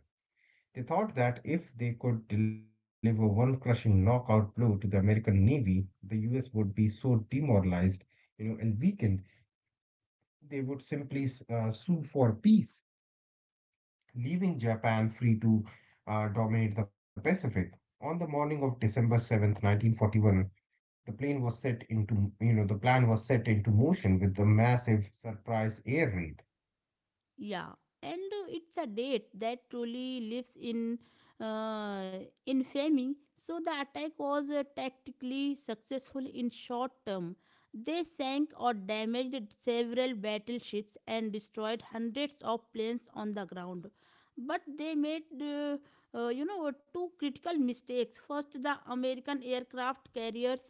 They thought that if they could deliver one crushing knockout blow to the American Navy, the U S would be so demoralized, you know, and weakened, they would simply uh, sue for peace, leaving Japan free to uh, dominate the Pacific. On the morning of December seventh, nineteen forty-one, the plane was set into, you know, the plan was set into motion with the massive surprise air raid. Yeah, and uh, it's a date that truly lives in uh, infamy. So the attack was uh, tactically successful in short term. They sank or damaged several battleships and destroyed hundreds of planes on the ground. But they made, uh, uh, you know, two critical mistakes. First, the American aircraft carriers,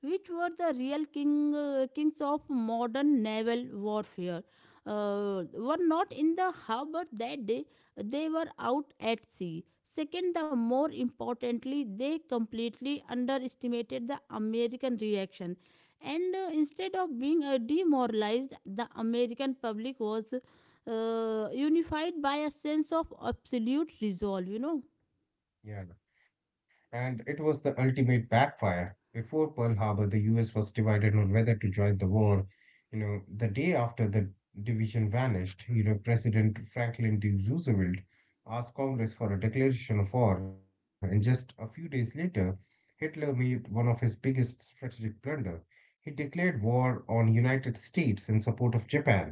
which were the real king, uh, kings of modern naval warfare uh, were not in the harbor that day, they were out at sea. Second, the more importantly, they completely underestimated the American reaction. And uh, instead of being uh, demoralized, the American public was uh, unified by a sense of absolute resolve, you know. Yeah. And it was the ultimate backfire. Before Pearl Harbor, the U S was divided on whether to join the war. You know, the day after, the division vanished. You know, President Franklin D. Roosevelt asked Congress for a declaration of war, and just a few days later, Hitler made one of his biggest strategic blunder. He declared war on United States in support of Japan.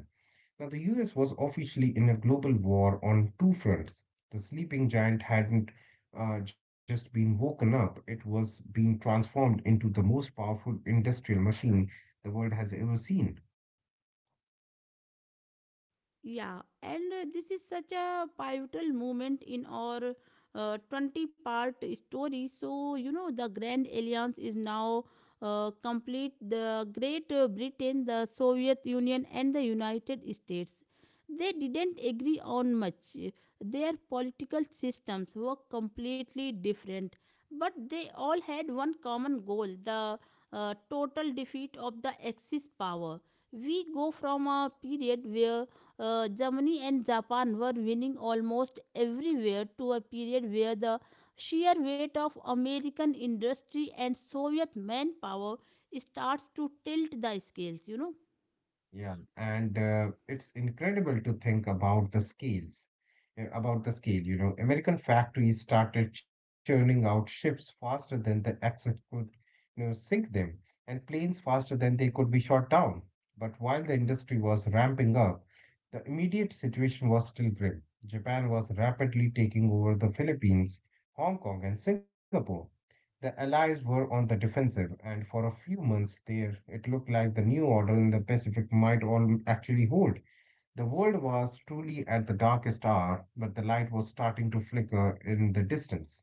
Now, the U S was officially in a global war on two fronts. The sleeping giant hadn't uh, just been woken up, it was being transformed into the most powerful industrial machine the world has ever seen. Yeah, and uh, this is such a pivotal moment in our uh, twenty part story. So, you know, the Grand Alliance is now uh, complete. The Great uh, Britain, the Soviet Union, and the United States. They didn't agree on much. Their political systems were completely different, but they all had one common goal, the uh, total defeat of the Axis power. We go from a period where uh, Germany and Japan were winning almost everywhere to a period where the sheer weight of American industry and Soviet manpower starts to tilt the scales, you know. Yeah, and uh, it's incredible to think about the scales, uh, about the scale. You know, American factories started churning out ships faster than the Axis could, you know, sink them, and planes faster than they could be shot down. But while the industry was ramping up, the immediate situation was still grim. Japan was rapidly taking over the Philippines, Hong Kong, and Singapore. The Allies were on the defensive, and for a few months there, it looked like the new order in the Pacific might all actually hold. The world was truly at the darkest hour, but the light was starting to flicker in the distance.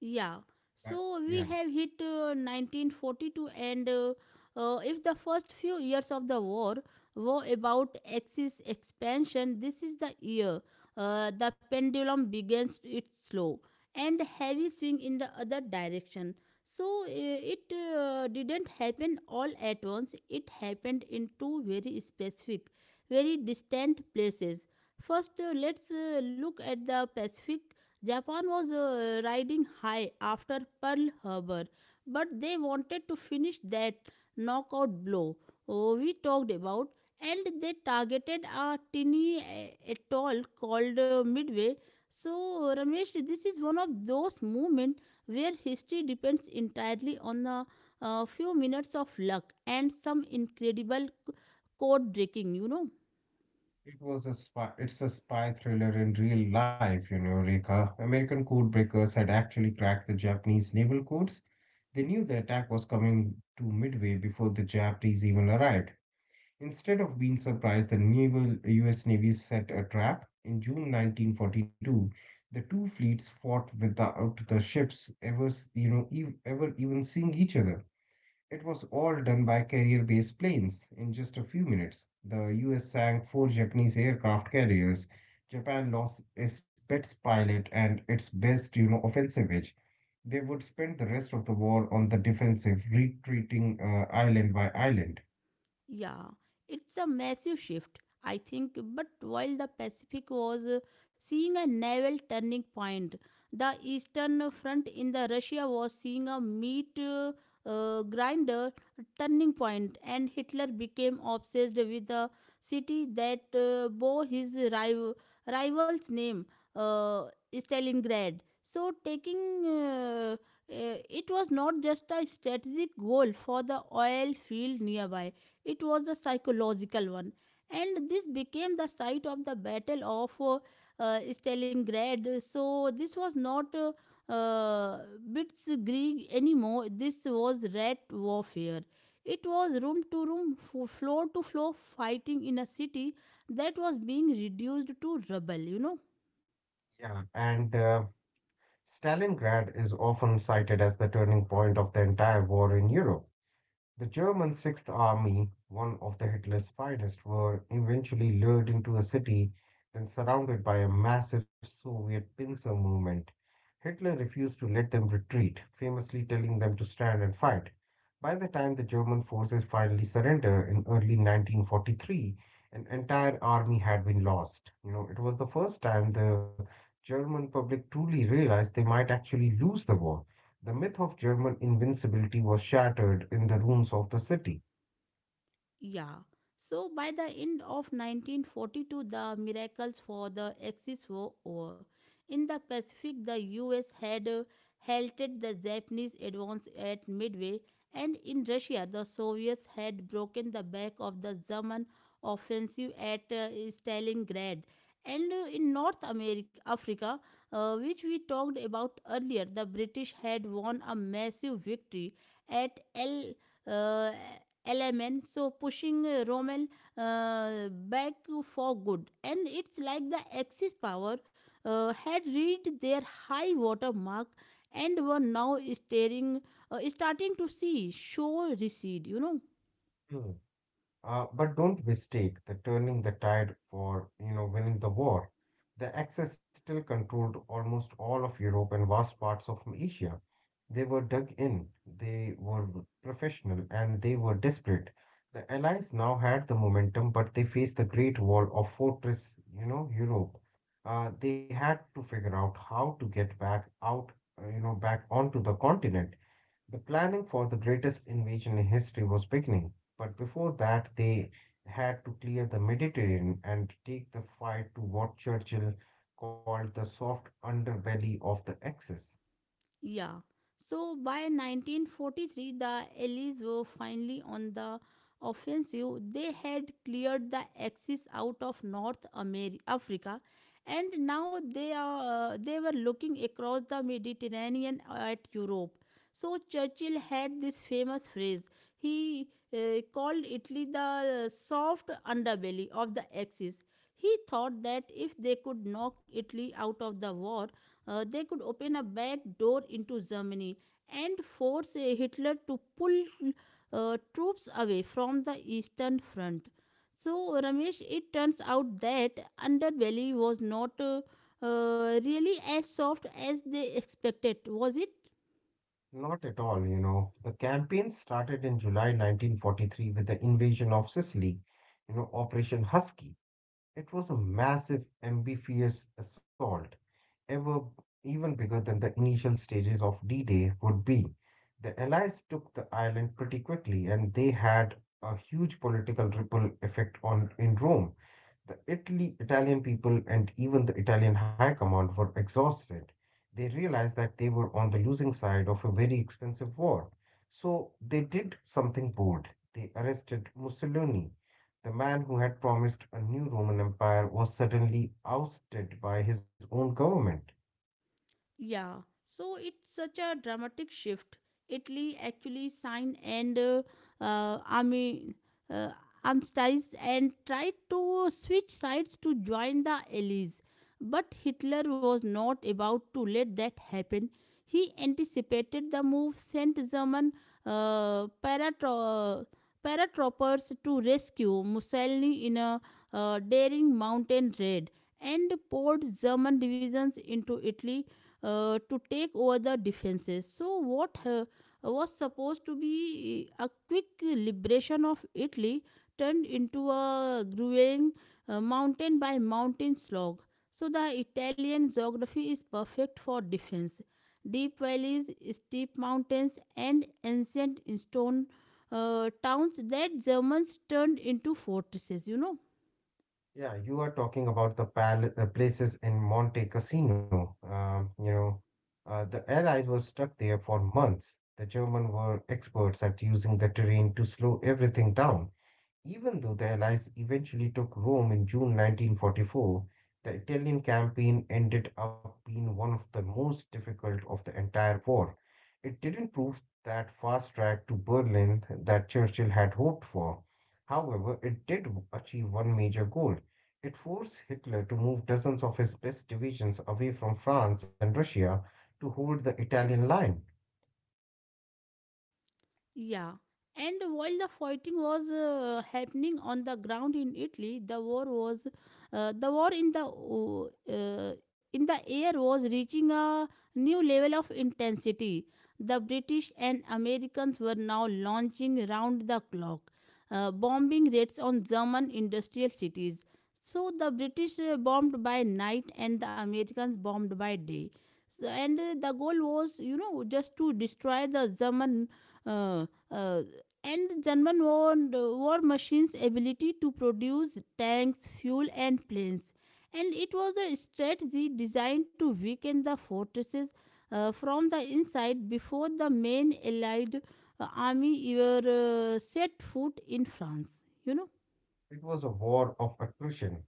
Yeah. Uh, yeah, So we have hit uh, nineteen forty-two, and uh, uh, if the first few years of the war were about Axis expansion, this is the year uh, the pendulum begins its slow and heavy swing in the other direction. So uh, it uh, didn't happen all at once, it happened in two very specific, very distant places. First, uh, let's uh, look at the Pacific. Japan was uh, riding high after Pearl Harbor, but they wanted to finish that knockout blow oh, we talked about, and they targeted a tiny uh, atoll called uh, Midway. So, uh, Ramesh, this is one of those moments where history depends entirely on a, uh few minutes of luck and some incredible c- code breaking, you know. it was a spy. It's a spy thriller in real life, you know, Rika. American code breakers had actually cracked the Japanese naval codes. They knew the attack was coming to midway before the Japanese even arrived. Instead of being surprised, the naval U S. Navy set a trap. In June nineteen forty-two, the two fleets fought without the ships ever, you know, ev- ever even seeing each other. It was all done by carrier-based planes in just a few minutes. The U S sank four Japanese aircraft carriers. Japan lost its best pilot and its best, you know, offensive edge. They would spend the rest of the war on the defensive, retreating uh, island by island. Yeah, it's a massive shift, I think. But while the Pacific was uh, seeing a naval turning point, the Eastern Front in the Russia was seeing a meat uh, uh, grinder turning point, and Hitler became obsessed with the city that uh, bore his rival, rival's name, uh, Stalingrad. So, taking uh, uh, it was not just a strategic goal for the oil field nearby, it was the psychological one. And this became the site of the battle of uh, uh, stalingrad. So this was not uh, uh, bits anymore, this was rat warfare. It was room to room, fo- floor to floor fighting in a city that was being reduced to rubble you know Yeah, and uh, Stalingrad is often cited as the turning point of the entire war in Europe. The German Sixth Army, one of the Hitler's finest, were eventually lured into a city, then surrounded by a massive Soviet pincer movement. Hitler refused to let them retreat, famously telling them to stand and fight. By the time the German forces finally surrendered in early nineteen forty-three, an entire army had been lost. You know, it was the first time the German public truly realized they might actually lose the war. The myth of German invincibility was shattered in the ruins of the city. Yeah. So by the end of nineteen forty-two, the miracles for the Axis were over. In the Pacific, the U S had uh, halted the Japanese advance at Midway, and in Russia, the Soviets had broken the back of the German offensive at uh, Stalingrad. And uh, in North America, Africa, uh, which we talked about earlier, the British had won a massive victory at El uh, L M N, so pushing uh, Rommel uh, back for good. And it's like the Axis power uh, had reached their high water mark and were now staring, uh, starting to see show recede, you know. Hmm. Uh, but don't mistake the turning the tide for, you know, winning the war. The Axis still controlled almost all of Europe and vast parts of Asia. They were dug in, they were professional, and they were desperate. The Allies now had the momentum, but they faced the Great Wall of Fortress, you know, Europe. Uh, they had to figure out how to get back out, uh, you know, back onto the continent. The planning for the greatest invasion in history was beginning, but before that, they had to clear the Mediterranean and take the fight to what Churchill called the soft underbelly of the Axis. Yeah. So by nineteen forty-three, the Allies were finally on the offensive. They had cleared the Axis out of North America, Africa, and now they are uh, they were looking across the Mediterranean at Europe. So Churchill had this famous phrase. He uh, called Italy the uh, soft underbelly of the Axis. He thought that if they could knock Italy out of the war, uh, they could open a back door into Germany and force uh, Hitler to pull uh, troops away from the Eastern Front. So, Ramesh, it turns out that Underbelly was not uh, uh, really as soft as they expected, was it? Not at all, you know. The campaign started in July nineteen forty-three with the invasion of Sicily, you know, Operation Husky. It was a massive, amphibious assault ever even bigger than the initial stages of D-Day would be. The Allies took the island pretty quickly, and they had a huge political ripple effect on in Rome. The Italy, Italian people and even the Italian high command were exhausted. They realized that they were on the losing side of a very expensive war. So they did something bold. They arrested Mussolini. The man who had promised a new Roman Empire was suddenly ousted by his own government. Yeah, so it's such a dramatic shift. Italy actually signed and uh, uh, Ami, uh, Amstais and tried to switch sides to join the Allies. But Hitler was not about to let that happen. He anticipated the move, sent German uh, paratro- paratroopers to rescue Mussolini in a uh, daring mountain raid, and poured German divisions into Italy uh, to take over the defenses. So, what uh, was supposed to be a quick liberation of Italy turned into a grueling uh, mountain by mountain slog. So, the Italian geography is perfect for defense. Deep valleys, steep mountains, and ancient stone uh, towns that Germans turned into fortresses, you know. Yeah, you are talking about the pal- uh, places in Monte Cassino. Um, you know, uh, the Allies were stuck there for months. The Germans were experts at using the terrain to slow everything down. Even though the Allies eventually took Rome in June nineteen forty-four, the Italian campaign ended up being one of the most difficult of the entire war. It didn't prove that fast track to Berlin that Churchill had hoped for. However, it did achieve one major goal. It forced Hitler to move dozens of his best divisions away from France and Russia to hold the Italian line. Yeah. And while the fighting was uh, happening on the ground in Italy, the war was uh, the war in the o- uh, in the air was reaching a new level of intensity. The British and Americans were now launching round the clock uh, bombing raids on German industrial cities. So the British uh, bombed by night and the Americans bombed by day. So, and uh, the goal was, you know, just to destroy the German uh, uh, and German war, war machines' ability to produce tanks, fuel, and planes. And it was a strategy designed to weaken the fortresses uh, from the inside before the main Allied uh, army ever uh, set foot in France. You know. It was a war of attrition.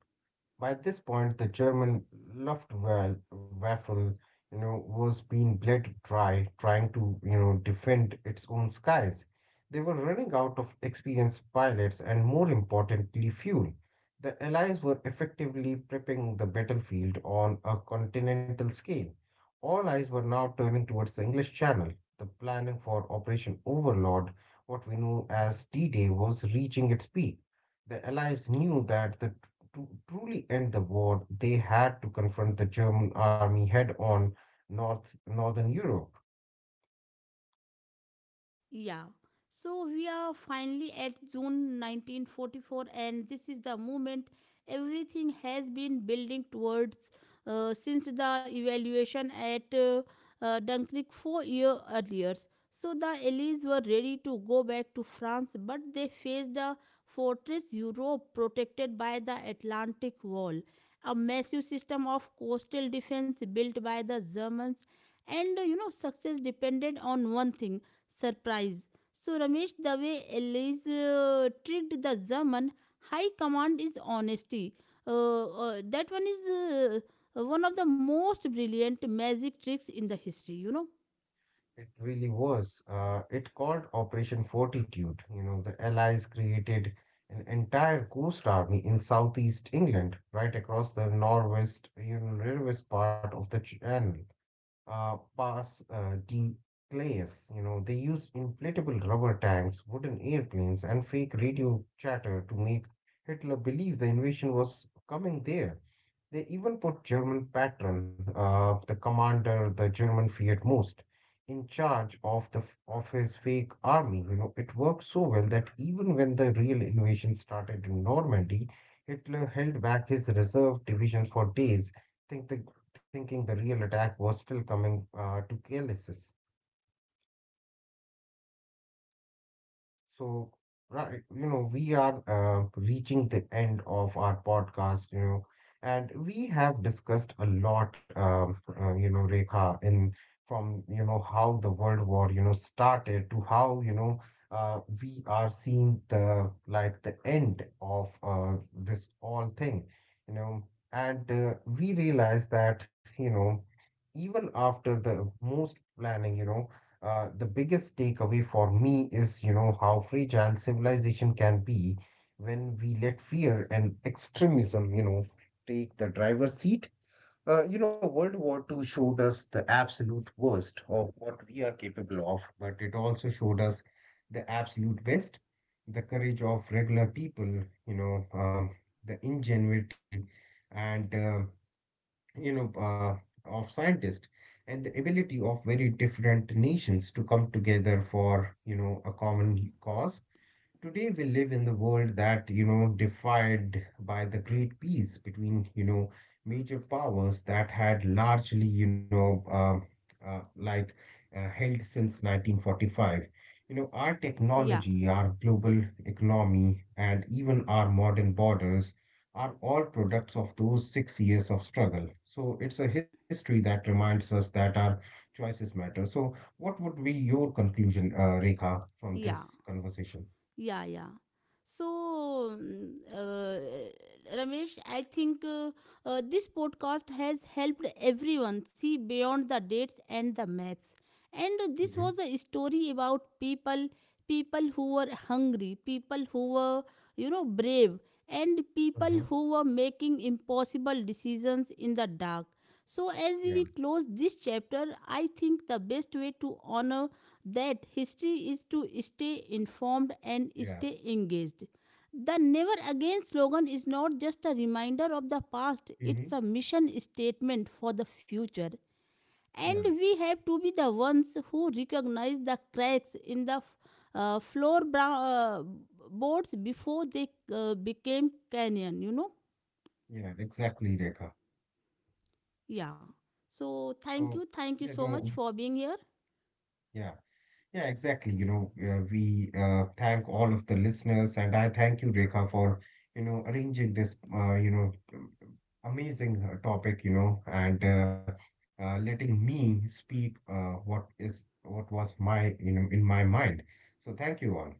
By this point, the German Luftwaffe, you know, was being bled dry trying to, you know, defend its own skies. They were running out of experienced pilots and, more importantly, fuel. The Allies were effectively prepping the battlefield on a continental scale. All eyes were now turning towards the English Channel. The planning for Operation Overlord, what we know as D-Day, was reaching its peak. The Allies knew that the to truly end the war, they had to confront the German army head on North Northern Europe. Yeah. So we are finally at June nineteen forty-four, and this is the moment everything has been building towards uh, since the evaluation at uh, uh, Dunkirk four years earlier. So the Allies were ready to go back to France, but they faced a fortress Europe, protected by the Atlantic Wall, a massive system of coastal defense built by the Germans. And uh, you know, success depended on one thing, surprise. So Ramesh, the way elise uh, tricked the German high command is honesty, uh, uh, that one is uh, one of the most brilliant magic tricks in the history, you know. It really was. Uh, it called Operation Fortitude. You know, the Allies created an entire coast army in southeast England, right across the northwest, you know, northwest part of the channel. Uh, pass uh, D clays. You know, they used inflatable rubber tanks, wooden airplanes, and fake radio chatter to make Hitler believe the invasion was coming there. They even put German patron, uh, the commander the German feared most, in charge of the of his fake army. You know, it worked so well that even when the real invasion started in Normandy, Hitler held back his reserve division for days, think the, thinking the real attack was still coming uh, to Calais. So, right, you know, we are uh, reaching the end of our podcast, you know, and we have discussed a lot, um, uh, you know, Rekha, in from, you know, how the World War, you know, started to how, you know, uh, we are seeing the like the end of uh, this all thing, you know, and uh, we realize that, you know, even after the most planning, you know, uh, the biggest takeaway for me is, you know, how fragile civilization can be when we let fear and extremism, you know, take the driver's seat. Uh, you know, World War Two showed us the absolute worst of what we are capable of, but it also showed us the absolute best, the courage of regular people, you know, uh, the ingenuity and uh, you know, uh, of scientists and the ability of very different nations to come together for, you know, a common cause. Today we live in the world that, you know, defied by the great peace between, you know, major powers that had largely, you know, um uh, like uh, held since nineteen forty-five. You know, our yeah technology, our global economy, and even our modern borders are all products of those six years of struggle. So it's a history that reminds us that our choices matter. So what would be your conclusion, uh, Rekha, from yeah this conversation? Yeah, yeah. So, mm, uh, Ramesh, I think uh, uh, this podcast has helped everyone see beyond the dates and the maps. And this Mhm, was a story about people, people who were hungry, people who were, you know, brave, and mhm. people who were making impossible decisions in the dark. So, Yeah, as we close this chapter, I think the best way to honor that history is to stay informed and yeah. stay engaged. The Never Again slogan is not just a reminder of the past, Hmm. it's a mission statement for the future. Yeah, And we have to be the ones who recognize the cracks in the f- uh, floor bra- uh, boards before they uh, became canyon, you know? yeah, exactly, Rekha. Yeah. So, So, thank you, you thank you so know, much for being here. yeah, yeah, exactly. You know, uh, we uh, thank all of the listeners, and I thank you, Rekha, for, you know, arranging this, uh, you know, um, amazing uh, topic, you know, and uh, uh, letting me speak uh, what is what was my, you know, in my mind. So, thank you all.